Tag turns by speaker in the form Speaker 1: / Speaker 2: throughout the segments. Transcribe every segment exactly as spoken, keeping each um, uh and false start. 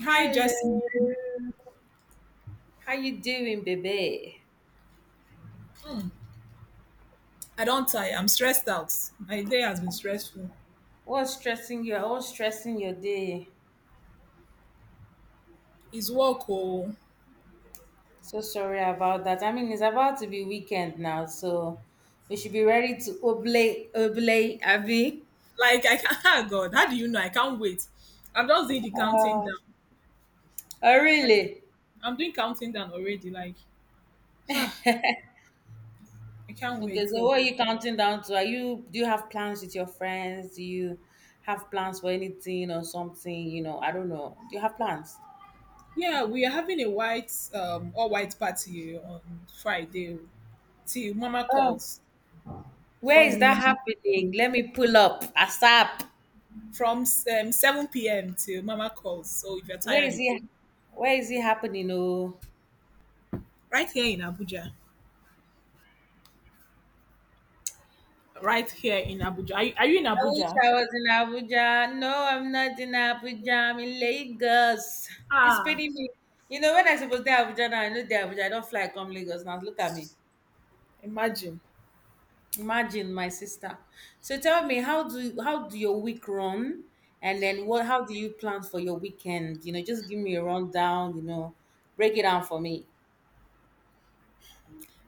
Speaker 1: Hi,
Speaker 2: Hello.
Speaker 1: Jasmine.
Speaker 2: How you doing, baby?
Speaker 1: I don't tire. I'm stressed out. My day has been stressful.
Speaker 2: What's stressing you? What's stressing your day?
Speaker 1: It's work, oh.
Speaker 2: So sorry about that. I mean, it's about to be weekend now, so we should be ready to oblate, oblate, Abby.
Speaker 1: Like, I can't, ah, God, how do you know? I can't wait. I'm just doing the
Speaker 2: Uh,
Speaker 1: counting
Speaker 2: oh,
Speaker 1: down. Like,
Speaker 2: really?
Speaker 1: I'm doing counting down already. Like, I can't
Speaker 2: Okay,
Speaker 1: wait.
Speaker 2: so
Speaker 1: So,
Speaker 2: what are you counting down to? Are you do you have plans with your friends? Do you have plans for anything or something? You know, I don't know. Do you have plans?
Speaker 1: yeah, we are having a white, um, all white party on Friday oh, till Mama
Speaker 2: Oh,
Speaker 1: calls
Speaker 2: where is
Speaker 1: from
Speaker 2: that happening? Let me pull up. ASAP.
Speaker 1: from um, seven p m till Mama calls. So, if you're
Speaker 2: Where
Speaker 1: tired,
Speaker 2: is
Speaker 1: you go.
Speaker 2: he? Where is it happening? Oh,
Speaker 1: Right here in Abuja. Right here in Abuja. Are you, are you in
Speaker 2: I wish
Speaker 1: Abuja?
Speaker 2: I was in Abuja. No, I'm not in Abuja. I'm in Lagos. It's
Speaker 1: Ah,
Speaker 2: paining me. You know, when I suppose to Abuja now, I know they Abuja. I don't fly come Lagos now. Look at me.
Speaker 1: Imagine.
Speaker 2: Imagine my sister. So tell me, how do how do your week run? And then what? How do you plan for your weekend? You know, just give me a rundown. You know, break it down for me.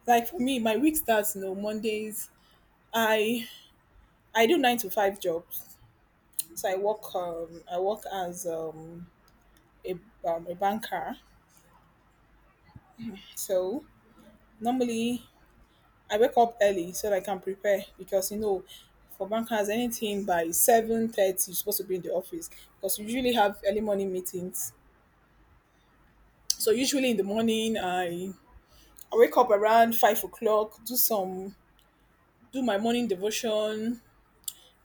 Speaker 1: Like for me, my week starts, you know, Mondays. I I do nine to five jobs. So I work um I work as um a um, a banker. So normally I wake up early so that I can prepare because you know for bankers anything by seven thirty you're supposed to be in the office because we usually have early morning meetings. So usually in the morning I I wake up around five o'clock, do some do my morning devotion,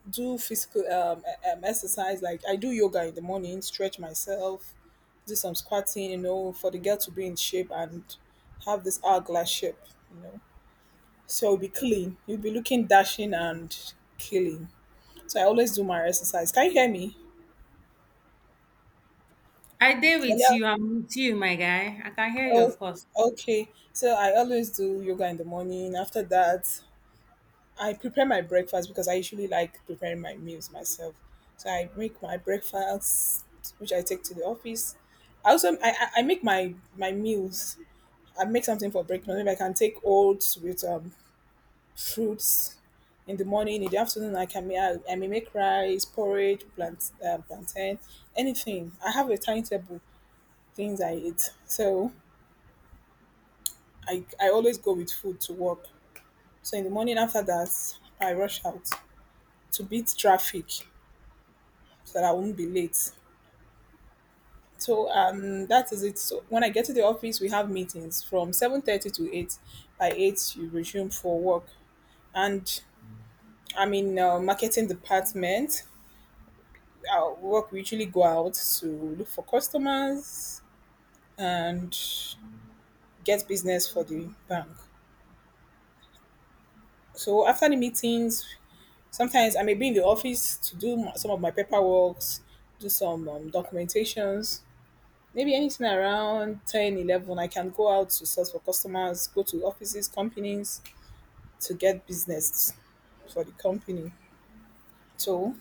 Speaker 1: do physical um, e- um, exercise. Like I do yoga in the morning, stretch myself, do some squatting, you know, for the girl to be in shape and have this hourglass shape, you know. So you'll be clean. You'll be looking dashing and killing. So I always do my exercise. Can you hear me?
Speaker 2: I did with
Speaker 1: Hello?
Speaker 2: you. I'm with you, my guy. I can hear you,
Speaker 1: Oh,
Speaker 2: of course.
Speaker 1: okay. So I always do yoga in the morning. After that, I prepare my breakfast because I usually like preparing my meals myself. So I make my breakfast, which I take to the office. I also I, I I make my my meals. I make something for breakfast. Maybe I can take oats with um fruits in the morning. In the afternoon, I can make I, I may make rice, porridge, plant uh, plantain, anything. I have a timetable things I eat. So I I always go with food to work. So in the morning after that, I rush out to beat traffic so that I won't be late. So um, that is it. So when I get to the office, we have meetings from seven thirty to eight. By eight, you resume for work, and I'm in uh, marketing department. Our work we usually go out to look for customers and get business for the bank. So after the meetings, sometimes I may be in the office to do m- some of my paperwork, do some um, documentations, maybe anything around ten, eleven. I can go out to source for customers, go to offices, companies to get business for the company. So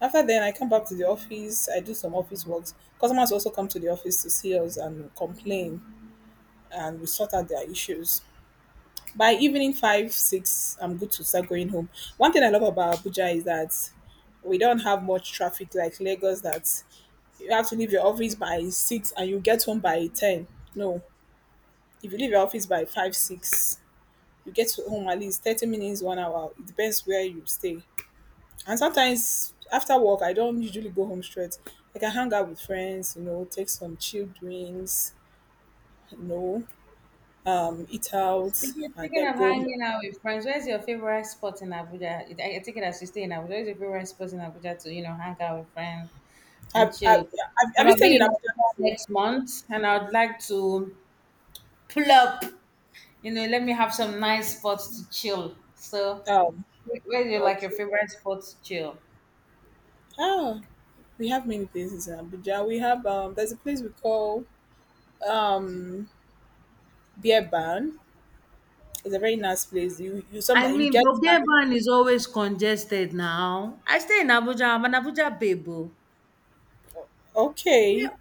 Speaker 1: after then, I come back to the office. I do some office works. Customers also come to the office to see us and complain, and we sort out their issues. By evening five, six, I'm good to start going home. One thing I love about Abuja is that we don't have much traffic like Lagos. That you have to leave your office by six and you get home by ten. No, if you leave your office by five six you get to home at least thirty minutes one hour. It depends where you stay. And sometimes after work I don't usually go home straight. I can hang out with friends, you know, take some chilled drinks you know um Eat out
Speaker 2: Speaking,
Speaker 1: and
Speaker 2: speaking
Speaker 1: then
Speaker 2: of
Speaker 1: go home.
Speaker 2: hanging out with friends, where's your favorite spot in Abuja? I, I take it as you stay in Abuja. Where's your favorite spot in Abuja to, you know, hang out with friends and
Speaker 1: have, have,
Speaker 2: chill?
Speaker 1: have,
Speaker 2: I'm
Speaker 1: have you
Speaker 2: gonna
Speaker 1: stayed
Speaker 2: be
Speaker 1: in
Speaker 2: in
Speaker 1: abuja
Speaker 2: Abuja
Speaker 1: before?
Speaker 2: next month, and I would like to pull up. You know, let me have some nice spots to chill. So,
Speaker 1: um
Speaker 2: wh- where's your like your
Speaker 1: okay.
Speaker 2: favorite spot to chill?
Speaker 1: ah we have many places in abuja. We have um There's a place we call um Beer Barn. It's a very nice place. You you
Speaker 2: I
Speaker 1: sometimes you
Speaker 2: mean,
Speaker 1: get.
Speaker 2: Bogeban is always congested now. I stay in Abuja. I'm an Abuja babe. Oh.
Speaker 1: Okay.
Speaker 2: Yeah,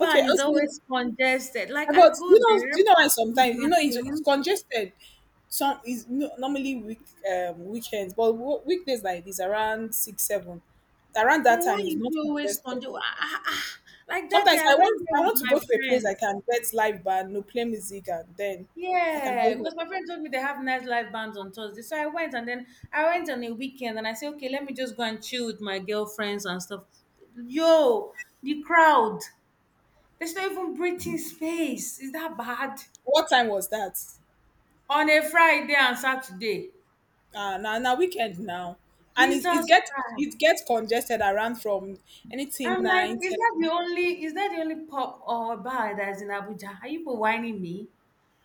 Speaker 1: Okay.
Speaker 2: is
Speaker 1: Also,
Speaker 2: always congested. Like I
Speaker 1: about
Speaker 2: go
Speaker 1: you know, do
Speaker 2: there
Speaker 1: you know why
Speaker 2: with
Speaker 1: sometimes you
Speaker 2: my
Speaker 1: know it's, it's
Speaker 2: friends,
Speaker 1: congested. Some is no- normally week um weekends, but wo- weekdays like this around six seven, around
Speaker 2: but
Speaker 1: that
Speaker 2: why
Speaker 1: time is
Speaker 2: is
Speaker 1: not
Speaker 2: it always
Speaker 1: congested.
Speaker 2: congested? Like that day,
Speaker 1: Sometimes
Speaker 2: I
Speaker 1: I
Speaker 2: went
Speaker 1: want I
Speaker 2: there with
Speaker 1: want to
Speaker 2: my
Speaker 1: go to a place I
Speaker 2: friends.
Speaker 1: can get live band, no play music, and then I can
Speaker 2: Yeah,
Speaker 1: go home.
Speaker 2: because my friend told me they have nightlife bands on Thursday, so I went and then I went on a weekend and I said, okay, let me just go and chill with my girlfriends and stuff. Yo, the crowd, there's not even breathing space. Is that bad?
Speaker 1: What time was that?
Speaker 2: On a Friday and Saturday.
Speaker 1: Uh, now now weekend now, and it it
Speaker 2: Jesus
Speaker 1: gets
Speaker 2: Christ.
Speaker 1: it gets congested around from anything
Speaker 2: I'm like,
Speaker 1: nine
Speaker 2: is
Speaker 1: ten.
Speaker 2: that the only is that the only pub or bar that's in Abuja? Are you people whining me?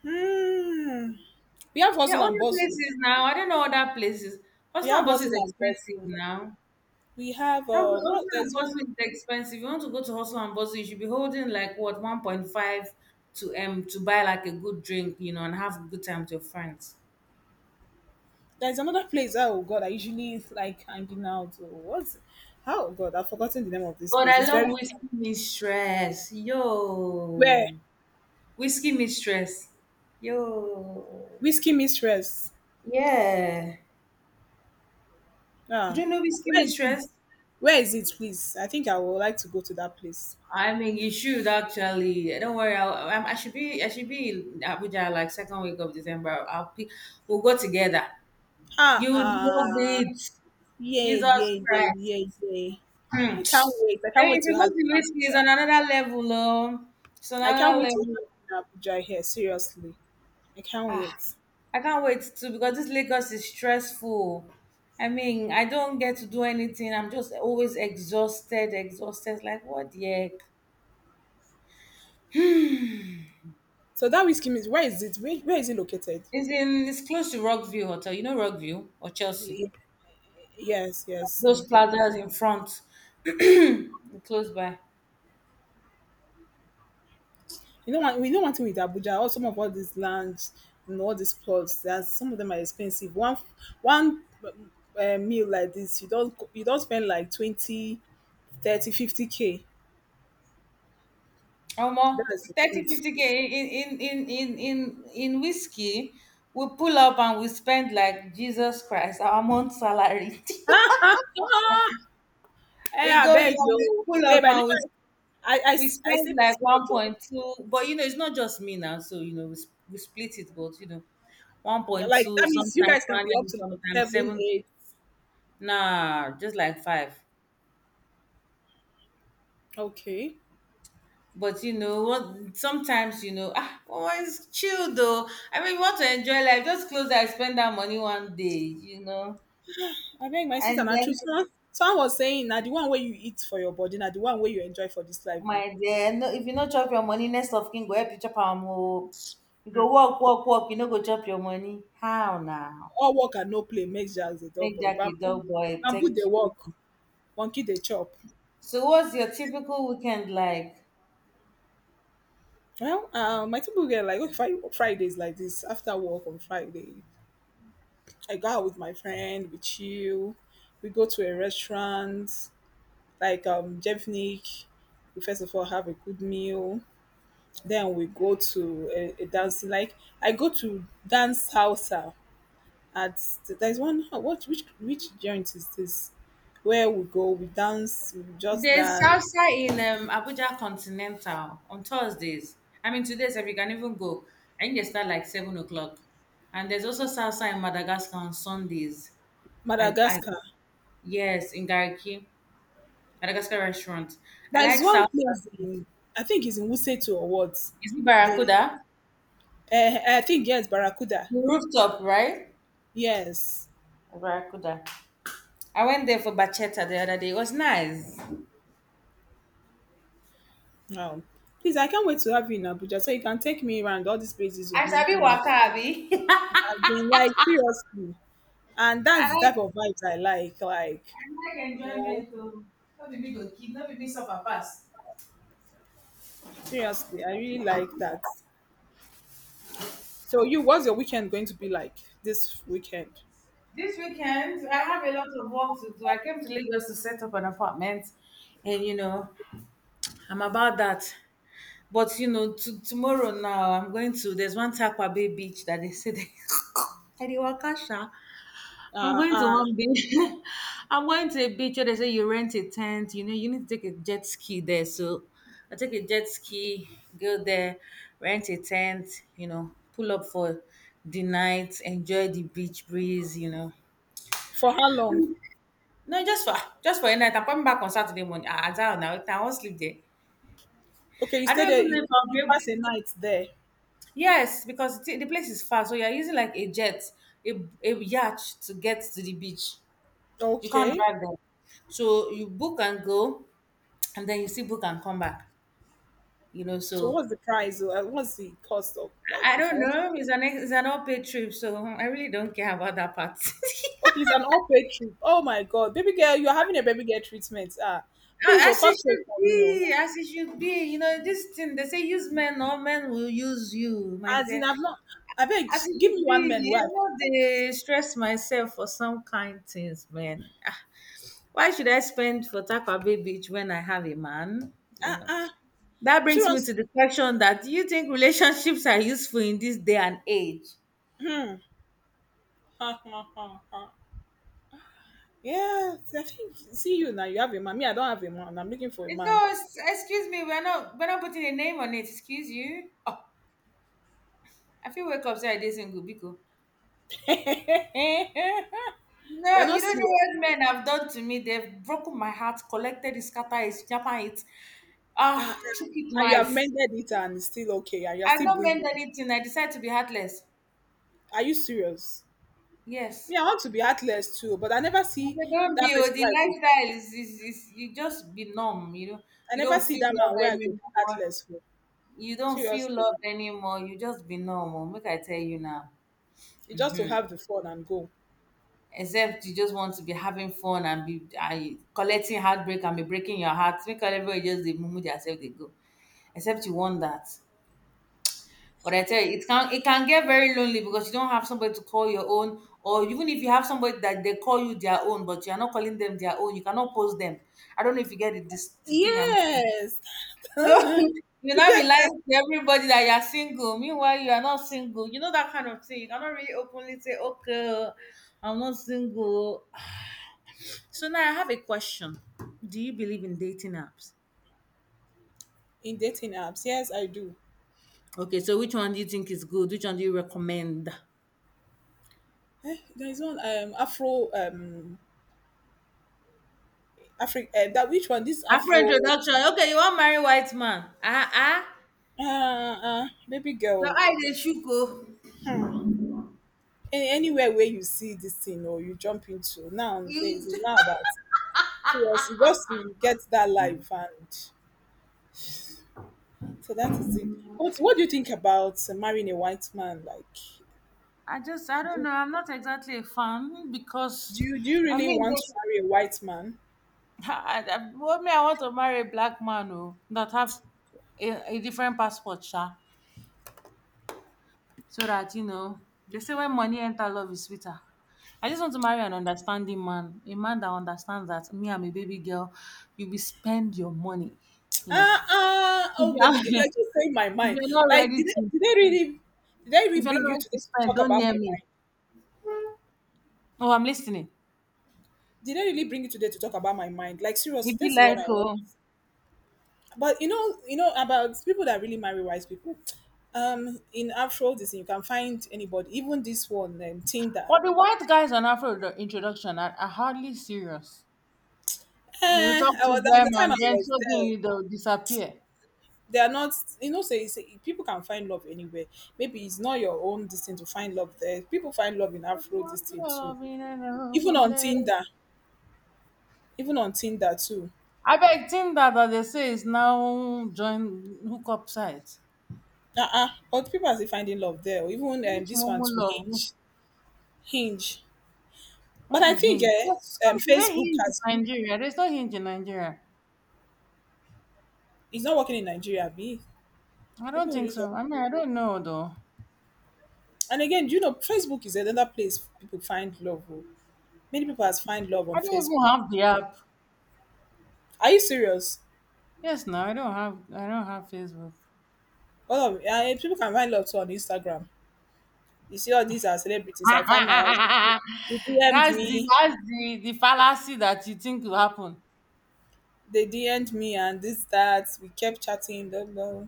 Speaker 1: Hmm. We have
Speaker 2: There are
Speaker 1: hustle and
Speaker 2: other
Speaker 1: bustle.
Speaker 2: places now. I don't know other places.
Speaker 1: We
Speaker 2: Hustle and
Speaker 1: have
Speaker 2: Bustle is
Speaker 1: Hustle and
Speaker 2: expensive
Speaker 1: Bustle.
Speaker 2: now.
Speaker 1: We have
Speaker 2: That
Speaker 1: uh,
Speaker 2: Hustle
Speaker 1: what?
Speaker 2: and
Speaker 1: There's one.
Speaker 2: Bustle is expensive. You want to go to Hustle and Bustle, you should be holding like what one point five to um to buy like a good drink, you know, and have a good time with your friends.
Speaker 1: There's another place. Oh God, I usually like hanging out. Or what? Oh God, I've forgotten the name of this
Speaker 2: But
Speaker 1: place.
Speaker 2: I
Speaker 1: It's
Speaker 2: love
Speaker 1: very
Speaker 2: Whiskey Mistress.
Speaker 1: where.
Speaker 2: Yo. Whiskey Mistress. Yo.
Speaker 1: Whiskey Mistress.
Speaker 2: Yeah. You
Speaker 1: Ah,
Speaker 2: don't know Whiskey
Speaker 1: where is it?
Speaker 2: Mistress?
Speaker 1: Where is it, please? I think I would like to go to that place.
Speaker 2: I mean, you should actually. Don't worry. I'll, I'm- I should be. I should be in Abuja like second week of December. I'll pick. We'll go together.
Speaker 1: Ah,
Speaker 2: You would love
Speaker 1: ah,
Speaker 2: it.
Speaker 1: yeah,
Speaker 2: Jesus
Speaker 1: yeah, yeah,
Speaker 2: Christ.
Speaker 1: yeah, yeah.
Speaker 2: Hmm.
Speaker 1: I can't wait. I can't
Speaker 2: Then
Speaker 1: wait
Speaker 2: if
Speaker 1: to
Speaker 2: you go
Speaker 1: have
Speaker 2: to whiskey,
Speaker 1: you
Speaker 2: it's
Speaker 1: in
Speaker 2: on another level. Um, it's on
Speaker 1: Abuja. I can't
Speaker 2: another
Speaker 1: wait to
Speaker 2: level.
Speaker 1: have you in Abuja here. Seriously, I can't
Speaker 2: Ah,
Speaker 1: wait.
Speaker 2: I can't wait to because this Lagos is stressful. I mean, I don't get to do anything. I'm just always exhausted, exhausted. Like what the heck?
Speaker 1: So that whiskey is where is it? Where, where is it located?
Speaker 2: It's in. It's close to Rockview Hotel. You know Rockview or Chelsea.
Speaker 1: Y- Yes, yes, I
Speaker 2: Those
Speaker 1: do.
Speaker 2: plazas in front, close by.
Speaker 1: You know what? We know one thing with Abuja. All some of all these lands, you know, all these plots. That some of them are expensive. One, one uh, meal like this, you don't you don't spend like twenty, thirty, fifty k.
Speaker 2: Omo,
Speaker 1: That is the
Speaker 2: thirty,
Speaker 1: truth.
Speaker 2: fifty k in in in in in in whiskey we pull up and we spend like Jesus Christ our month salary.
Speaker 1: Eh,
Speaker 2: We
Speaker 1: I
Speaker 2: go
Speaker 1: beg
Speaker 2: there, we
Speaker 1: you,
Speaker 2: pull up,
Speaker 1: babe. I
Speaker 2: and
Speaker 1: never.
Speaker 2: we
Speaker 1: I I
Speaker 2: we
Speaker 1: I
Speaker 2: spend
Speaker 1: stay with
Speaker 2: like
Speaker 1: small girl.
Speaker 2: one point two. But you know, it's not just me now, so you know we, s- we split it, but you know
Speaker 1: Like
Speaker 2: one point two.
Speaker 1: that means you
Speaker 2: Sometimes
Speaker 1: guys can
Speaker 2: one
Speaker 1: be up
Speaker 2: and
Speaker 1: to like
Speaker 2: sometimes
Speaker 1: seven,
Speaker 2: seven.
Speaker 1: eight.
Speaker 2: Nah, just like five.
Speaker 1: Okay.
Speaker 2: But you know what? Sometimes you know, ah, oh, it's chill though. I mean, you want to enjoy life? Just close eyes, spend that money one day, you know.
Speaker 1: I beg my sister,
Speaker 2: And
Speaker 1: na true.
Speaker 2: then,
Speaker 1: Someone, someone was saying na the one wey you eat for your body, na the one wey you enjoy for this life. Oh.
Speaker 2: my dear, no, if you not chop your money, next of kin go help you chop am o. You go
Speaker 1: Mm.
Speaker 2: work, work, work. You no go chop your money. How now?
Speaker 1: All work and no play makes Jack the dull
Speaker 2: Make
Speaker 1: boy.
Speaker 2: Jack a
Speaker 1: Bamboo,
Speaker 2: dog boy.
Speaker 1: bamboo
Speaker 2: Thank
Speaker 1: dey
Speaker 2: you.
Speaker 1: work, monkey dey chop.
Speaker 2: So, what's your typical weekend like?
Speaker 1: Well, uh, my people get like okay, Fri- Fridays like this. After work on Friday, I go out with my friend. We chill. We go to a restaurant like um Jevnik. We first of all have a good meal. Then we go to a, a dancing. Like I go to dance salsa at there's one oh, what which which joint is this, where we go we dance we just
Speaker 2: There's
Speaker 1: dance
Speaker 2: salsa in um, Abuja Continental on Thursdays. I mean, today's if you can even go. I think they start like seven o'clock. And there's also salsa in Madagascar on Sundays. I, I
Speaker 1: madagascar
Speaker 2: Yes, in Gariki, Madagascar restaurant. I
Speaker 1: there is
Speaker 2: like salsa.
Speaker 1: one place in, I think it's in Wuseto or what.
Speaker 2: Is it
Speaker 1: The
Speaker 2: Barracuda?
Speaker 1: uh, I think yes, Barracuda.
Speaker 2: The rooftop, right?
Speaker 1: Yes,
Speaker 2: Barracuda. I went there for bachata the other day. It was nice.
Speaker 1: wow, please, I can't wait to have you in Abuja so you can take me around all these places you
Speaker 2: I
Speaker 1: are
Speaker 2: sabi
Speaker 1: mentioning.
Speaker 2: waka abi.
Speaker 1: I've been like seriously, and
Speaker 2: I
Speaker 1: that's the
Speaker 2: like
Speaker 1: type of vibes I like. Like,
Speaker 2: I like
Speaker 1: you know
Speaker 2: enjoyment too. No be me go kid, no be me suffer pass.
Speaker 1: seriously I really like that. So you, what's your weekend going to be like this weekend?
Speaker 2: This weekend, I have a lot of work to do. I came to Lagos to set up an apartment, and you know, I'm about that. But you know, to, tomorrow now, I'm going to. There's one Takwa Bay beach that they say they. I dey waka sha. I'm
Speaker 1: Uh,
Speaker 2: going to
Speaker 1: uh,
Speaker 2: one beach. I'm going to a beach where they say you rent a tent. You know, you need to take a jet ski there. So I take a jet ski, go there, rent a tent. You know, pull up for the night, enjoy the beach breeze. You know,
Speaker 1: for how long?
Speaker 2: no, just for just for a night. I'm coming back on Saturday morning. Ah, I don't know. I won't sleep there.
Speaker 1: Okay, you
Speaker 2: I
Speaker 1: stay
Speaker 2: don't
Speaker 1: there.
Speaker 2: even know
Speaker 1: You
Speaker 2: if I'll
Speaker 1: you
Speaker 2: be able.
Speaker 1: pass a night there.
Speaker 2: Yes, because the the place is far, so you're using like a jet, a, a yacht to get to the beach. You can't
Speaker 1: Okay.
Speaker 2: drive there. So you book and go, and then you see book and come back. You know,
Speaker 1: So
Speaker 2: so
Speaker 1: what's the price? Uh, what's the cost of
Speaker 2: I I
Speaker 1: like if I
Speaker 2: don't
Speaker 1: want?
Speaker 2: know. It's an ex- it's an all paid trip, so I really don't care about that part.
Speaker 1: Okay, it's an all paid trip. Oh my God, baby girl, you're having a baby girl treatment. Ah, please, oh,
Speaker 2: As it
Speaker 1: cost save
Speaker 2: should
Speaker 1: for me. Oh.
Speaker 2: be, as it should be. You know, this thing they say use men, all men will use you, my
Speaker 1: As in,
Speaker 2: dear.
Speaker 1: I've not. I beg,
Speaker 2: As it
Speaker 1: give me
Speaker 2: should
Speaker 1: one
Speaker 2: be,
Speaker 1: man
Speaker 2: you
Speaker 1: where
Speaker 2: know,
Speaker 1: I feel this.
Speaker 2: they stress myself for some kind things, man. Ah, why should I spend for Takwa Bay Beach when I have a man? You
Speaker 1: Ah
Speaker 2: know,
Speaker 1: ah,
Speaker 2: that brings me
Speaker 1: seriously.
Speaker 2: to the question that do you think relationships are useful in this day and age?
Speaker 1: Hmm. Ha ha ha ha. Yeah, I think see you now. You have a man. Me, I don't have a man. I'm looking for a
Speaker 2: Eh, No,
Speaker 1: man.
Speaker 2: it's- excuse me, we're not we're not putting a name on it. Excuse you. Oh, I feel wake up say I did single because
Speaker 1: You're
Speaker 2: no, you
Speaker 1: not
Speaker 2: don't know
Speaker 1: serious.
Speaker 2: what men have done to me. They've broken my heart, collected it, scattered it, japa it,
Speaker 1: Uh, uh,
Speaker 2: ah, took it
Speaker 1: and you have
Speaker 2: knife.
Speaker 1: mended it and still okay, and you're
Speaker 2: I have
Speaker 1: still
Speaker 2: not meant
Speaker 1: breathing.
Speaker 2: anything. I decided to be heartless.
Speaker 1: Are you serious?
Speaker 2: Yes.
Speaker 1: Me, I want to be heartless too, but I never
Speaker 2: I
Speaker 1: see
Speaker 2: said, don't be.
Speaker 1: that
Speaker 2: Oh,
Speaker 1: person
Speaker 2: the
Speaker 1: where I go.
Speaker 2: lifestyle is, is, is you just be numb. You know,
Speaker 1: I
Speaker 2: you
Speaker 1: never
Speaker 2: don't
Speaker 1: see
Speaker 2: feel
Speaker 1: that
Speaker 2: love
Speaker 1: man where I go be
Speaker 2: anymore.
Speaker 1: heartless for.
Speaker 2: You don't feel love
Speaker 1: Seriously.
Speaker 2: anymore. You just be normal. Make I tell you now.
Speaker 1: It's just to have the fun and go.
Speaker 2: Except you just want to be having fun and be and collecting heartbreak and be breaking your heart. Make everybody just they mumu themselves they go. Except you want that. But I tell you, it can it can get very lonely because you don't have somebody to call your own, or even if you have somebody that they call you their own, but you are not calling them their own, you cannot post them. I don't know if you get it, this the thing I'm
Speaker 1: Yes. You
Speaker 2: saying. You'll not be
Speaker 1: get that.
Speaker 2: lying to everybody that you're single. Meanwhile, you are not single. You know that kind of thing. You cannot really openly say, okay, I'm not single. So now I have a question. Do you believe in dating apps?
Speaker 1: In dating apps, yes, I do.
Speaker 2: Okay, so which one do you think is good? Which one do you recommend?
Speaker 1: Eh, there is one um Afro um Afri- uh, that which one? This
Speaker 2: Afro
Speaker 1: Afro.
Speaker 2: Introduction. Okay, you wan marry white man. Ah ah.
Speaker 1: Uh, uh baby
Speaker 2: Your
Speaker 1: girl.
Speaker 2: eye dey shook oh.
Speaker 1: Any anywhere where you see this thing or you jump into nowadays
Speaker 2: You
Speaker 1: it's not about, seriously, just to get that life, and so that is it. What what do you think about uh, marrying a white man? Like,
Speaker 2: I just I don't
Speaker 1: do
Speaker 2: know. I'm not exactly a fan because
Speaker 1: do you, do you
Speaker 2: I
Speaker 1: really
Speaker 2: mean
Speaker 1: want to
Speaker 2: this
Speaker 1: marry a white man?
Speaker 2: I, I, well, me, I want to marry a black man oh, that have a, a different passport, sha. So that you know they say when money enter love is sweeter. I just want to marry an understanding man, a man that understands that me, I'm a baby girl. You will spend your money, you know.
Speaker 1: Ah ah,
Speaker 2: If
Speaker 1: oh,
Speaker 2: you
Speaker 1: baby girl,
Speaker 2: are-
Speaker 1: you're just saying my
Speaker 2: if
Speaker 1: mind.
Speaker 2: you're not
Speaker 1: Like,
Speaker 2: ready
Speaker 1: did they,
Speaker 2: to
Speaker 1: did they really did I really
Speaker 2: If you're not
Speaker 1: bring you
Speaker 2: ready to
Speaker 1: today to
Speaker 2: spend,
Speaker 1: talk
Speaker 2: don't
Speaker 1: about
Speaker 2: near
Speaker 1: my
Speaker 2: me.
Speaker 1: mind?
Speaker 2: Oh, I'm listening.
Speaker 1: Did I really bring you today to talk about my mind? Like, seriously,
Speaker 2: You'd be
Speaker 1: this is what
Speaker 2: like,
Speaker 1: I want.
Speaker 2: oh.
Speaker 1: But you know, you know about people that really marry wise people. Um, in Afro this you can find anybody, even this one, um, Tinder.
Speaker 2: But the white guys on Afro introdu- introduction are, are, hardly serious. You
Speaker 1: Eh,
Speaker 2: talk
Speaker 1: I
Speaker 2: to
Speaker 1: was, there was
Speaker 2: them
Speaker 1: a time
Speaker 2: and
Speaker 1: I
Speaker 2: then
Speaker 1: was
Speaker 2: suddenly
Speaker 1: there.
Speaker 2: they'll disappear.
Speaker 1: They are not, you know, say, say people can find love anywhere. Maybe it's not your own this thing to find love there. People find love in
Speaker 2: The
Speaker 1: Afro this thing
Speaker 2: wonder
Speaker 1: too.
Speaker 2: of in an
Speaker 1: Even
Speaker 2: open
Speaker 1: on
Speaker 2: place.
Speaker 1: Tinder, even on Tinder too.
Speaker 2: I beg think that that they say is now join hookup site.
Speaker 1: Uh-uh. But people are still finding love there. Or even um,
Speaker 2: Which
Speaker 1: this one
Speaker 2: Momo
Speaker 1: to
Speaker 2: love?
Speaker 1: Hinge. Hinge. But
Speaker 2: What
Speaker 1: I
Speaker 2: is
Speaker 1: think
Speaker 2: Hinge?
Speaker 1: eh,
Speaker 2: Yes,
Speaker 1: um,
Speaker 2: is it
Speaker 1: Facebook
Speaker 2: Hinge in
Speaker 1: has
Speaker 2: Nigeria? There's no Hinge in Nigeria.
Speaker 1: it's not working in Nigeria, B.
Speaker 2: I don't
Speaker 1: People
Speaker 2: think
Speaker 1: really just,
Speaker 2: so. I mean, I don't know though.
Speaker 1: and again, you know Facebook is another place people find love. Oh. Many people has find love on
Speaker 2: I don't even
Speaker 1: Facebook.
Speaker 2: have the app.
Speaker 1: Are you serious?
Speaker 2: Yes, now I don't have I don't have Facebook.
Speaker 1: All of uh, people can find love too on Instagram. You see all these are celebrities. I find my husband. He D M'd
Speaker 2: that's the
Speaker 1: me.
Speaker 2: that's the the fallacy that you think will happen.
Speaker 1: They D M'd me and this that. We kept chatting. Blah, blah.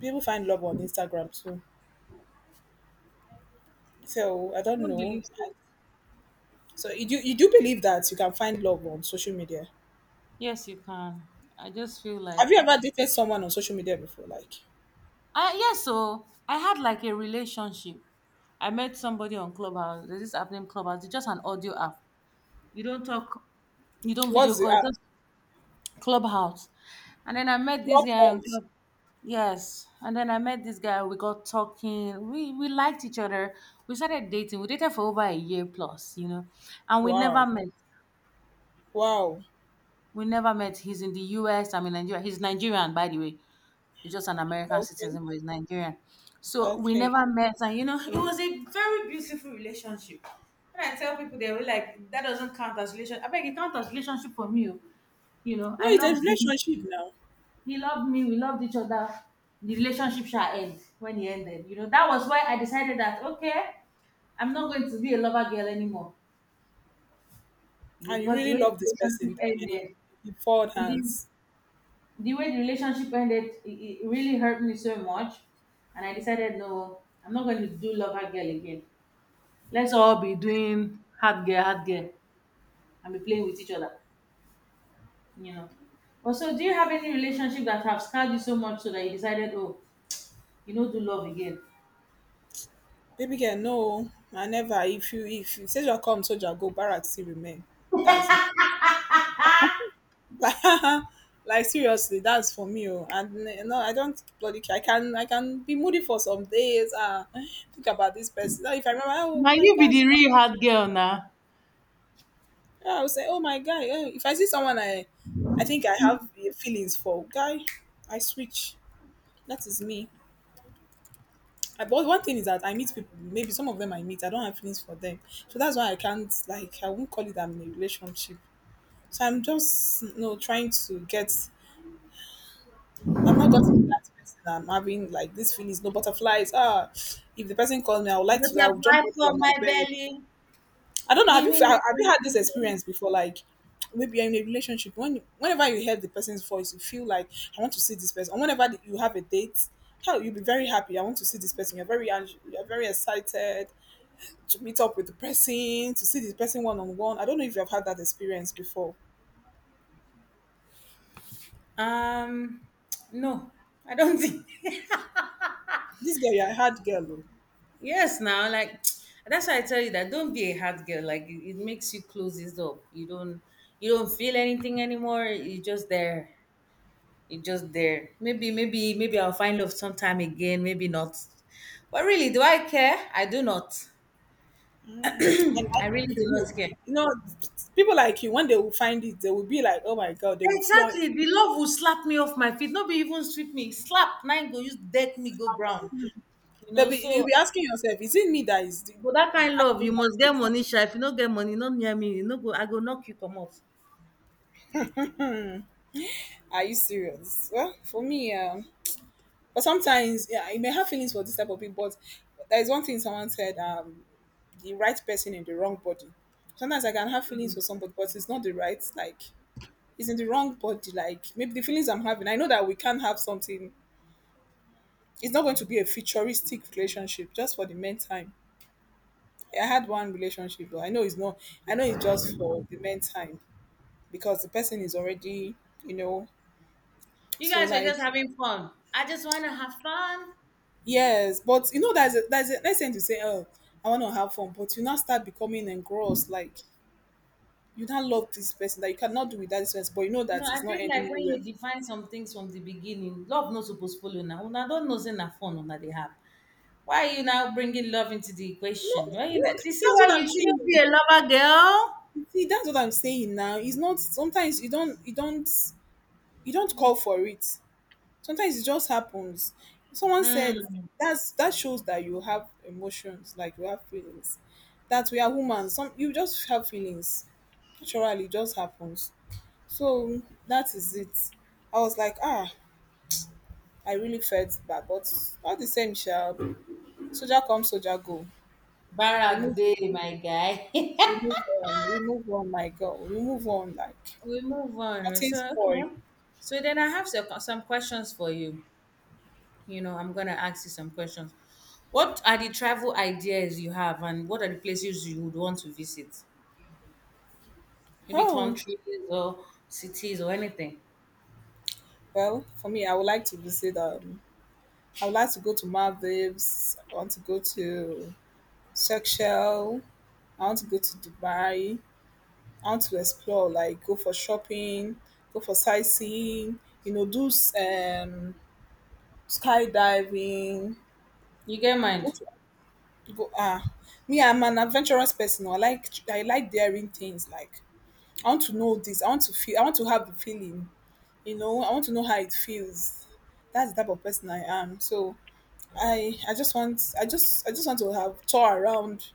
Speaker 1: People find love on Instagram too. So I
Speaker 2: I
Speaker 1: don't
Speaker 2: don't
Speaker 1: know.
Speaker 2: believe so.
Speaker 1: So you do you do believe that you can find love on social media?
Speaker 2: Yes, you can. I just feel like
Speaker 1: Have you ever dated someone on social media before? Like,
Speaker 2: I yes, so I had like a relationship. I met somebody on Clubhouse. There's this app named Clubhouse. It's just an audio app. You don't talk, you don't video
Speaker 1: what's the
Speaker 2: call, it's
Speaker 1: app?
Speaker 2: just Clubhouse. And then I met this
Speaker 1: Club
Speaker 2: guy on
Speaker 1: Hunt.
Speaker 2: Club. Yes. And then I met this guy. We got talking. We we liked each other. We started dating. We dated for over a year plus, you know. And we never
Speaker 1: Wow.
Speaker 2: met.
Speaker 1: Wow.
Speaker 2: We never met. He's in the U S. I'm in Nigeria. He's Nigerian, by the way. He's just an American
Speaker 1: Okay.
Speaker 2: citizen, but he's Nigerian. So we
Speaker 1: Okay.
Speaker 2: never met. And you know, it was a very beautiful relationship. When I tell people they were like, that doesn't count as relationship. I beg it count as relationship for me, oh. You know,
Speaker 1: No,
Speaker 2: I
Speaker 1: it's a
Speaker 2: loved him.
Speaker 1: relationship now,
Speaker 2: He loved me. We loved each other. The relationship shall end when he ended. You know, that was why I decided that okay, I'm not going to be a lover girl anymore. You know,
Speaker 1: and you
Speaker 2: because the
Speaker 1: really
Speaker 2: way the
Speaker 1: love this person.
Speaker 2: relationship
Speaker 1: Then and you,
Speaker 2: ended,
Speaker 1: you fold
Speaker 2: it didn't,
Speaker 1: hands.
Speaker 2: the way the relationship ended, it, it really hurt me so much. And I decided, no, I'm not going to do lover girl again. Let's all be doing hard girl, hard girl, and be playing with each other. You know. Also, do you have any relationship that have scarred you so much so that you decided, oh, you know, do love again?
Speaker 1: Baby girl, no, I never. If you if you soldier come, soldier go. Barak still remain. That's me. like like seriously, that's for me. Oh. And eh, no, I don't bloody care. I can I can be moody for some days. Ah, think about this person. Now, if I remember, oh
Speaker 2: Na
Speaker 1: my
Speaker 2: you be
Speaker 1: god,
Speaker 2: the real hard girl na.
Speaker 1: I will say, oh my god. eh, If I see someone I I think I have eh, feelings for guy, I switch. That is me. I- But one thing is that I meet people, maybe some of them I meet, I don't have feelings for them. So that's why I can't, like, I won't call it I'm in a relationship. So I'm just, you know, trying to get, I've not gotten that person. I'm having, like, these feelings, no butterflies. Ah, if the person calls me, I would like to, I would
Speaker 2: Butterfly
Speaker 1: jump up
Speaker 2: for
Speaker 1: from my
Speaker 2: my
Speaker 1: bed.
Speaker 2: belly.
Speaker 1: I don't know, have you, have you had this experience before? Like, maybe you're in a relationship. When, whenever you hear the person's voice, you feel like, I want to see this person. And whenever you have a date, hell, you'll be very happy. I want to see this person. You're very, ang- you're very excited to meet up with the person, to see the person one on one. I don't know if you've had that experience before.
Speaker 2: Um, no, I don't think.
Speaker 1: This girl, you're a hard girl. Oh.
Speaker 2: Yes, now like that's why I tell you that don't be a hard girl. Like it, it makes you close this up. You don't you don't feel anything anymore. You just there. You just there. Maybe maybe maybe I'll find love sometime again. Maybe not. But really, do I care? I do not.
Speaker 1: And I
Speaker 2: I really
Speaker 1: think
Speaker 2: do
Speaker 1: you will.
Speaker 2: not care.
Speaker 1: You know, people like you, when they will find it, they will be like, oh my God, they will floor it.
Speaker 2: Exactly, the love will slap me off my feet, not be even sweep me, slap, na go use deck me go ground, you
Speaker 1: They'll
Speaker 2: know,
Speaker 1: be,
Speaker 2: so
Speaker 1: you'll be
Speaker 2: ah,
Speaker 1: asking yourself, is it me that is the-
Speaker 2: but dat kain love
Speaker 1: acting
Speaker 2: you must
Speaker 1: like
Speaker 2: get
Speaker 1: this?
Speaker 2: money sha, if you not get money not near me, you no go I go knock you come out.
Speaker 1: Are you serious? Well, for me, um, but sometimes, yeah, you may have feelings for this type of people, but there's one thing someone said, um, the right person in the wrong body. Sometimes I can have feelings for somebody, but it's not the right, like, is in the wrong body. Like maybe the feelings I'm having, I know that we can't have something. It's not going to be a futuristic relationship just for the meantime. I had one relationship, but I know it's not. I know it's just for the meantime because the person is already, you know.
Speaker 2: You
Speaker 1: So
Speaker 2: guys were just
Speaker 1: like
Speaker 2: having fun, I just wanna have fun.
Speaker 1: yes, but you know there's a, there's a nice thing to say. Oh, I want to have fun, but you now start becoming engrossed. Like you now love this person that you cannot do without this person, but you know that
Speaker 2: No, I
Speaker 1: it's
Speaker 2: feel
Speaker 1: not ending
Speaker 2: like when
Speaker 1: anywhere.
Speaker 2: you define some things from the beginning, love no suppose follow now una not know sey na fun una they have. Why are you now bringing love into the equation?
Speaker 1: No,
Speaker 2: Why
Speaker 1: you
Speaker 2: you
Speaker 1: know
Speaker 2: like you
Speaker 1: that's
Speaker 2: see why
Speaker 1: what
Speaker 2: you
Speaker 1: I'm saying.
Speaker 2: shouldn't be a lover girl?
Speaker 1: See, that's what I'm saying now. It's not sometimes you don't you don't you don't call for it. Sometimes it just happens. Someone said
Speaker 2: Mm,
Speaker 1: that's that shows that you have emotions, like you have feelings. That we are human. Some you just have feelings. Naturally, it just happens. So that is it. I was like, ah, I really felt bad, but all the same, shall soldier come, soldier go. We
Speaker 2: barack
Speaker 1: move,
Speaker 2: dey my guy.
Speaker 1: we move on, we move on, my girl, we move on. Like
Speaker 2: We move on, right?
Speaker 1: nothing's
Speaker 2: So
Speaker 1: spoiled.
Speaker 2: okay. So then I have some some questions for you. You know, I'm gonna ask you some questions. What are the travel ideas you have, and what are the places you would want to visit? Maybe
Speaker 1: Oh.
Speaker 2: countries or cities or anything.
Speaker 1: Well, for me, I would like to visit. Um, I would like to go to Maldives. I want to go to Seychelles. I want to go to Dubai. I want to explore, like go for shopping, go for sightseeing. You know, do s- um, skydiving.
Speaker 2: You get
Speaker 1: Go
Speaker 2: mind?
Speaker 1: to, Go ah. Me, I'm an adventurous person. I like I like daring things. Like I want to know this. I want to feel. I want to have the feeling. You know, I want to know how it feels. That's the type of person I am. So I I just want I just I just want to have tour around.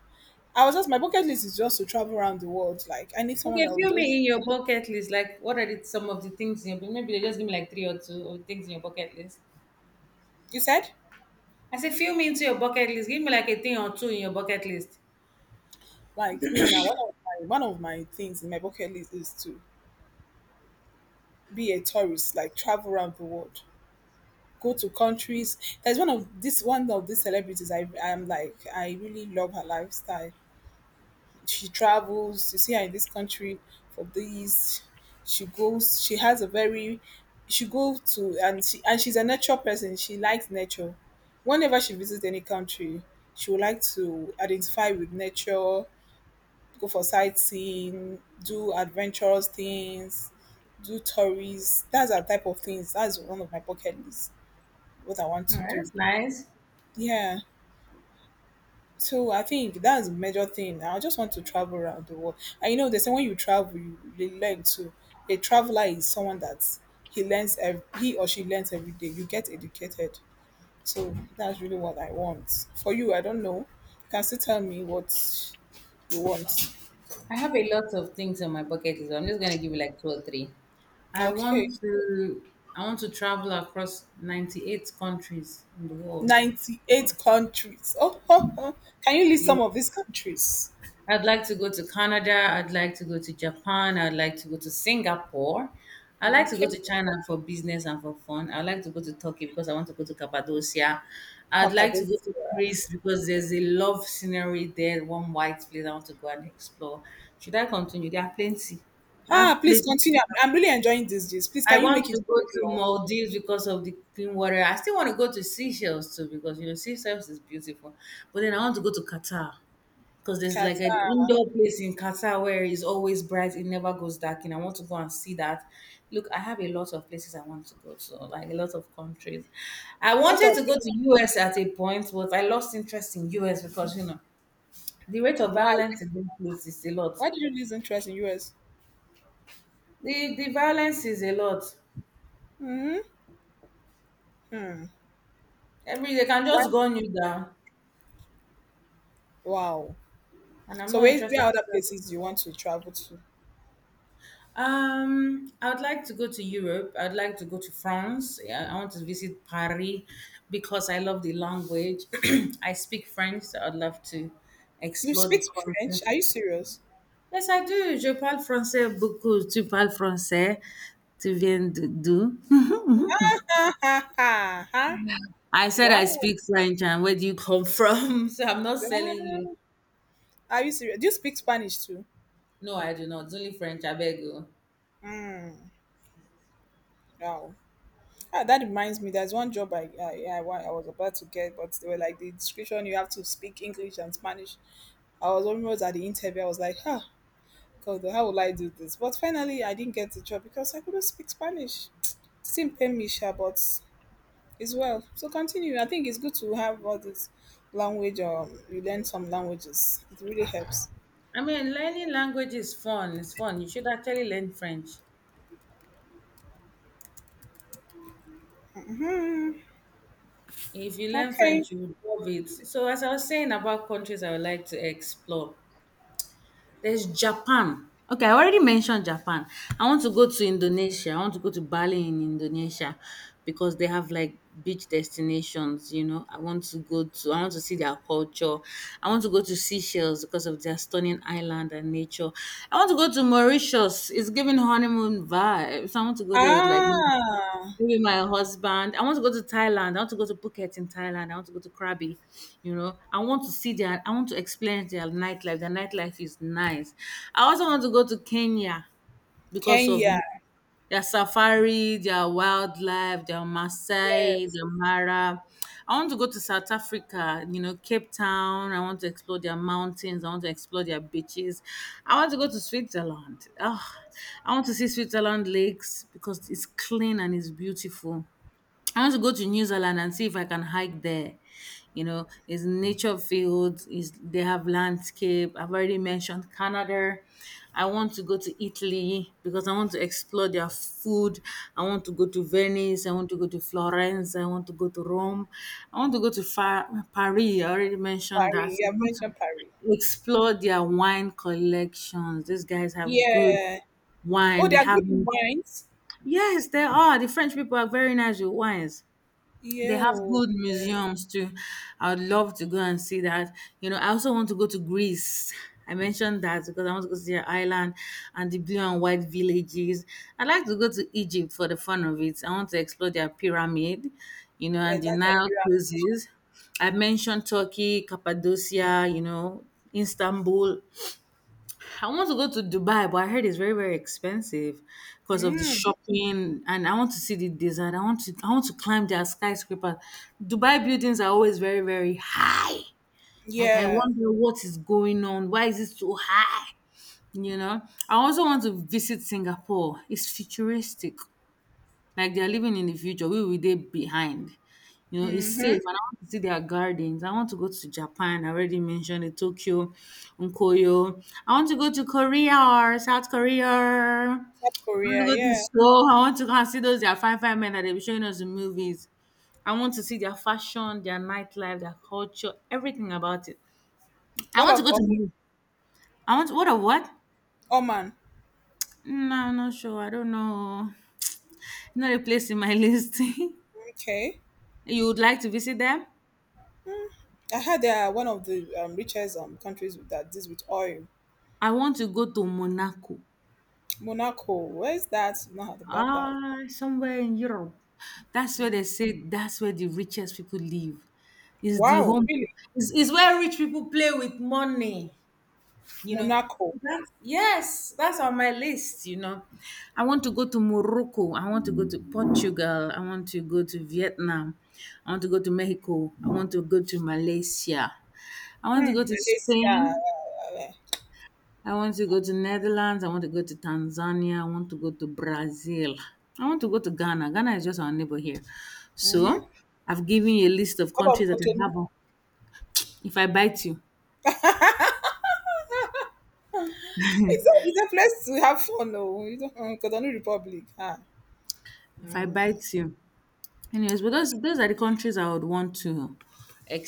Speaker 1: I was just My bucket list is just to travel around the world. Like I need someone
Speaker 2: Okay,
Speaker 1: that will
Speaker 2: fill
Speaker 1: just
Speaker 2: me in your bucket list. Like, what are the, some of the things? In your, maybe they just give me like three or two of things in your bucket list.
Speaker 1: you said
Speaker 2: I say, fill me into your bucket list. Give me like a thing or two in your bucket list.
Speaker 1: like me now. One of my one of my things in my bucket list is to be a tourist, like travel around the world, go to countries. There's one of this one of these celebrities I I'm like I really love her lifestyle. She travels to see her in this country for this. She goes. She has a very. She goes to and she and she's a nature person. She likes nature. Whenever she visits any country, she would like to identify with nature, go for sightseeing, do adventurous things, do tourists. That's our type of things. That's one of my bucket list. What I want
Speaker 2: All
Speaker 1: to
Speaker 2: right,
Speaker 1: do.
Speaker 2: that's nice.
Speaker 1: Yeah. So I think that's the major thing. I just want to travel around the world. And you know, they say when you travel, you, you learn too. A traveler is someone that he learns, ev- he or she learns every day. You get educated. So that's really what I want. For you, I don't know. You can still tell me what you want.
Speaker 2: I have a lot of things on my bucket list. I'm just gonna give you like two or three. I
Speaker 1: Okay.
Speaker 2: want to I want to travel across ninety-eight countries in the world.
Speaker 1: ninety-eight countries. Oh, can you list
Speaker 2: Yeah.
Speaker 1: some of these countries?
Speaker 2: I'd like to go to Canada, I'd like to go to Japan, I'd like to go to Singapore. I'd like to
Speaker 1: Okay.
Speaker 2: go to China for business and for fun. I'd like to go to Turkey because I want to go to Cappadocia. I'd like to go to
Speaker 1: Papadocia.
Speaker 2: Greece because there's a love scenery there, one white place I want to go and explore. Should I continue? There are plenty. I
Speaker 1: Ah,
Speaker 2: have
Speaker 1: please
Speaker 2: plenty.
Speaker 1: continue. I'm, I'm really enjoying this. This. Please,
Speaker 2: I
Speaker 1: can you
Speaker 2: want
Speaker 1: make
Speaker 2: to
Speaker 1: it
Speaker 2: go
Speaker 1: very
Speaker 2: to
Speaker 1: long?
Speaker 2: Maldives because of the clean water. I still want to go to Seychelles too because you know Seychelles is beautiful. But then I want to go to Qatar because there's like an
Speaker 1: Qatar.
Speaker 2: indoor place in Qatar where it's always bright, it never goes dark, and I want to go and see that. Look, I have a lot of places I want to go to, like a lot of countries. I
Speaker 1: What
Speaker 2: wanted
Speaker 1: of
Speaker 2: to
Speaker 1: the
Speaker 2: go to U S at a point, but I lost interest in U S because you know the rate of
Speaker 1: why?
Speaker 2: violence in those places is a lot.
Speaker 1: Why did you lose interest in U S?
Speaker 2: The the violence is a lot. Every they can
Speaker 1: Why?
Speaker 2: just gun you down,
Speaker 1: Wow.
Speaker 2: and I'm
Speaker 1: So
Speaker 2: not
Speaker 1: where,
Speaker 2: interested.
Speaker 1: where other places do you want to travel to?
Speaker 2: Um, I would like to go to Europe. I'd like to go to France. Yeah, I want to visit Paris because I love the language. I speak French, so I'd love to
Speaker 1: You
Speaker 2: explore the
Speaker 1: speak
Speaker 2: country.
Speaker 1: French? Are you serious?
Speaker 2: Yes, I do. Je parle français beaucoup. Tu parles français. Tu viens de- d'où?
Speaker 1: huh?
Speaker 2: I said I
Speaker 1: Wow.
Speaker 2: speak French, and where do you come from? So I'm not selling you.
Speaker 1: Girl. Are you serious? Do you speak Spanish too?
Speaker 2: No, I do not. It's only French. I beg you.
Speaker 1: Mm, wow. Ah, that reminds me, there's one job I, I, I, wa- I was about to get, but they were like, the description, you have to speak English and Spanish. I was almost at the interview, I was like, huh, God, how will I do this? But finally, I didn't get the job because I couldn't speak Spanish. Still pain me sha, but it's well, so continue. I think it's good to have all this language, or you learn some languages, it really helps.
Speaker 2: I mean, learning language is fun. It's fun. You should actually learn French. If you learn
Speaker 1: Okay.
Speaker 2: French, you would love it. So, as I was saying about countries I would like to explore, there's Japan. Okay, I already mentioned Japan. I want to go to Indonesia. I want to go to Bali in Indonesia because they have like beach destinations, you know. I want to go to, I want to see their culture. I want to go to Seychelles because of their stunning island and nature. I want to go to Mauritius. It's giving honeymoon vibes. I want to go there with like
Speaker 1: Ah,
Speaker 2: maybe my husband. I want to go to Thailand. I want to go to Phuket in Thailand. I want to go to Krabi. You know, I want to see their. I want to experience their nightlife. Their nightlife is nice. I also want to go to Kenya because of
Speaker 1: Kenya.
Speaker 2: their safari, their wildlife, their Maasai,
Speaker 1: Yes.
Speaker 2: their Mara. I want to go to South Africa, you know, Cape Town. I want to explore their mountains. I want to explore their beaches. I want to go to Switzerland. Oh, I want to see Switzerland lakes because it's clean and it's beautiful. I want to go to New Zealand and see if I can hike there. You know, it's nature fields, is they have landscape. I've already mentioned Canada. I want to go to Italy because I want to explore their food. I want to go to Venice. I want to go to Florence. I want to go to Rome. I want to go to Fa- Paris. I already mentioned that.
Speaker 1: Paris,
Speaker 2: I
Speaker 1: you have
Speaker 2: want to
Speaker 1: mentioned Paris.
Speaker 2: explore their wine collections. These guys have good
Speaker 1: Yeah. Oh,
Speaker 2: wine.
Speaker 1: they
Speaker 2: They
Speaker 1: are
Speaker 2: have
Speaker 1: good in wines.
Speaker 2: yes, they are. The French people are very nice with wines. They
Speaker 1: Yeah.
Speaker 2: have
Speaker 1: Oh,
Speaker 2: good
Speaker 1: yeah,
Speaker 2: museums too. I would love to go and see that. You know, I also want to go to Greece. I mentioned that because I want to go to their island and the blue and white villages. I'd like to go to Egypt for the fun of it. I want to explore their pyramid, you know,
Speaker 1: yeah,
Speaker 2: and the
Speaker 1: that's their
Speaker 2: Nile
Speaker 1: period.
Speaker 2: cruises. I mentioned Turkey, Cappadocia, you know, Istanbul. I want to go to Dubai, but I heard it's very, very expensive because of the
Speaker 1: Mm,
Speaker 2: shopping. And I want to see the desert. I want to, I want to climb their skyscraper. Dubai buildings are always very, very high. Like I
Speaker 1: yeah.
Speaker 2: wonder what is going on. Why is it so high? You know. I also want to visit Singapore. It's futuristic. Like they are living in the future, we will dey behind. You know, it's
Speaker 1: Mm-hmm.
Speaker 2: safe and I want to see their gardens. I want to go to Japan. I already mentioned it, Tokyo, Onkoyo. I want to go to Korea or South Korea. I
Speaker 1: South
Speaker 2: want to
Speaker 1: Korea,
Speaker 2: go to
Speaker 1: yeah.
Speaker 2: Seoul. I want to go and see those their fine fine men that they be showing us in movies. I want to see their fashion, their nightlife, their culture, everything about it. I
Speaker 1: what
Speaker 2: want to
Speaker 1: of
Speaker 2: go
Speaker 1: Om-
Speaker 2: to. I want what of what?
Speaker 1: Oman.
Speaker 2: No, I'm not sure. I don't know. Not a place in my list.
Speaker 1: Okay.
Speaker 2: You would like to visit them?
Speaker 1: I heard they are one of the um, richest um, countries with that deals with oil.
Speaker 2: I want to go to Monaco.
Speaker 1: Monaco, where's that? I've not heard about that.
Speaker 2: Ah, somewhere in Europe. That's where they say that's where the richest people live. Is the
Speaker 1: Wow,
Speaker 2: home
Speaker 1: really?
Speaker 2: is is where rich people play with money, you know.
Speaker 1: Monaco,
Speaker 2: That's, yes, that's on my list, you know. I want to go to Morocco. I want to go to Portugal. I want to go to Vietnam. I want to go to Mexico. I want to go to Malaysia. I want to
Speaker 1: mm,
Speaker 2: go to
Speaker 1: Malaysia.
Speaker 2: Spain. I want to go to Netherlands. I want to go to Tanzania. I want to go to Brazil. I want to go to Ghana. Ghana is just our neighbor here.
Speaker 1: Mm-hmm.
Speaker 2: So I've given you a list of
Speaker 1: What about
Speaker 2: countries that I
Speaker 1: Cotonou?
Speaker 2: have. On- If I bite you,
Speaker 1: It's a, it's a place to have fun, though. You don't, um, Cotonou Republic. Ah,
Speaker 2: if I bite you. Anyways, but those those are the countries I would want to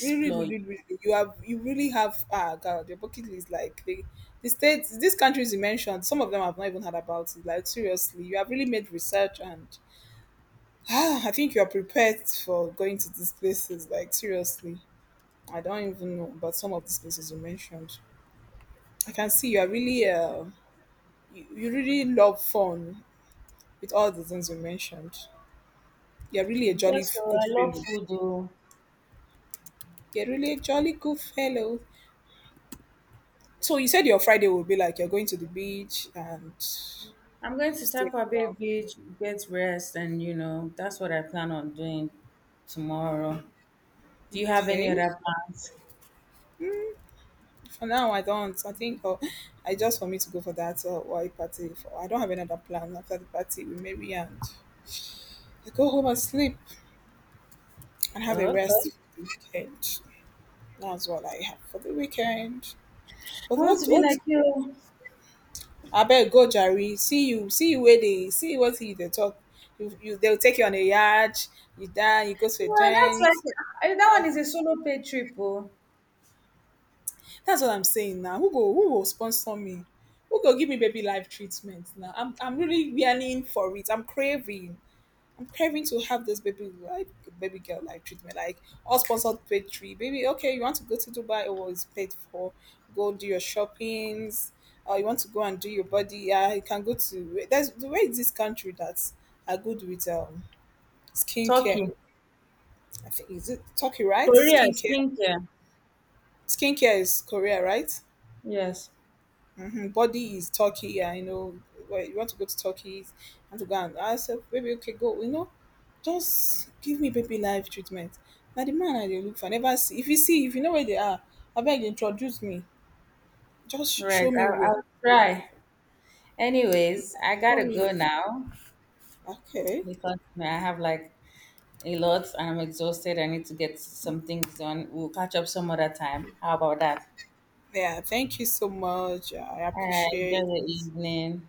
Speaker 1: really, really, really. really, You have you really have ah God, your bucket list like the the states, these countries you mentioned. Some of them I've not even heard about it. Like seriously, you have really made research and ah, I think you're prepared for going to these places. Like seriously, I don't even know about some of these places you mentioned. I can see you are really, uh, you, you really love fun with all the things you mentioned. You're really a jolly
Speaker 2: Yes, so
Speaker 1: f- good
Speaker 2: I love
Speaker 1: fellow.
Speaker 2: food. Though.
Speaker 1: You're really a jolly good fellow. So you said your Friday will be like you're going to the beach and
Speaker 2: I'm going
Speaker 1: you
Speaker 2: to
Speaker 1: stay
Speaker 2: Takwa Bay
Speaker 1: around.
Speaker 2: Beach, get rest, and you know that's what I plan on doing tomorrow. Do you have any
Speaker 1: Okay.
Speaker 2: other plans?
Speaker 1: For now, I don't. I think uh, I just for me to go for that uh, white party. For, I don't have another plan after the party. We maybe and I go home and sleep and have a
Speaker 2: Okay.
Speaker 1: rest for the weekend. That's what I have for the weekend. But
Speaker 2: I want
Speaker 1: what
Speaker 2: to be
Speaker 1: what
Speaker 2: like you.
Speaker 1: I better go Jerry, see you, see you where they see you what you they talk. You, you they'll take you on a yard, you die, you go to a
Speaker 2: Yeah, that's
Speaker 1: joint.
Speaker 2: like I- that
Speaker 1: Uh,
Speaker 2: one is a solo paid trip. Oh,
Speaker 1: That's what I'm saying now. Who go who will sponsor me? Who go give me baby life treatment now? I'm I'm really yearning for it. I'm craving. I'm craving to have this baby like baby girl like treatment, like all sponsored paid three. Baby, okay, you want to go to Dubai oh well, it's paid for. Go do your shoppings. Uh, you want to go and do your body. Yeah, you can go to. There's the way is this country that's are good with um skincare.
Speaker 2: Turkey,
Speaker 1: I think is it Turkey, right?
Speaker 2: Korea,
Speaker 1: Skincare.
Speaker 2: skincare.
Speaker 1: Skincare is Korea, right?
Speaker 2: Yes,
Speaker 1: Mhm, body is Turkey. Yeah, you know, well, you want to go to Turkey and to go and I said, baby, okay, go. You know, just give me baby life treatment. Now the man I dey look for I never see. If you see, if you know where they are, I beg introduce me. Just sh-
Speaker 2: right.
Speaker 1: show me
Speaker 2: I'll,
Speaker 1: where.
Speaker 2: I'll try. Anyways, I
Speaker 1: Show
Speaker 2: gotta
Speaker 1: me.
Speaker 2: go now
Speaker 1: Okay.
Speaker 2: because you know, I have like a lot. I'm exhausted. I need to get some things done. We'll catch up some other time. How about that?
Speaker 1: Yeah. Thank you so much. I
Speaker 2: All right. Enjoy
Speaker 1: appreciate.
Speaker 2: the evening.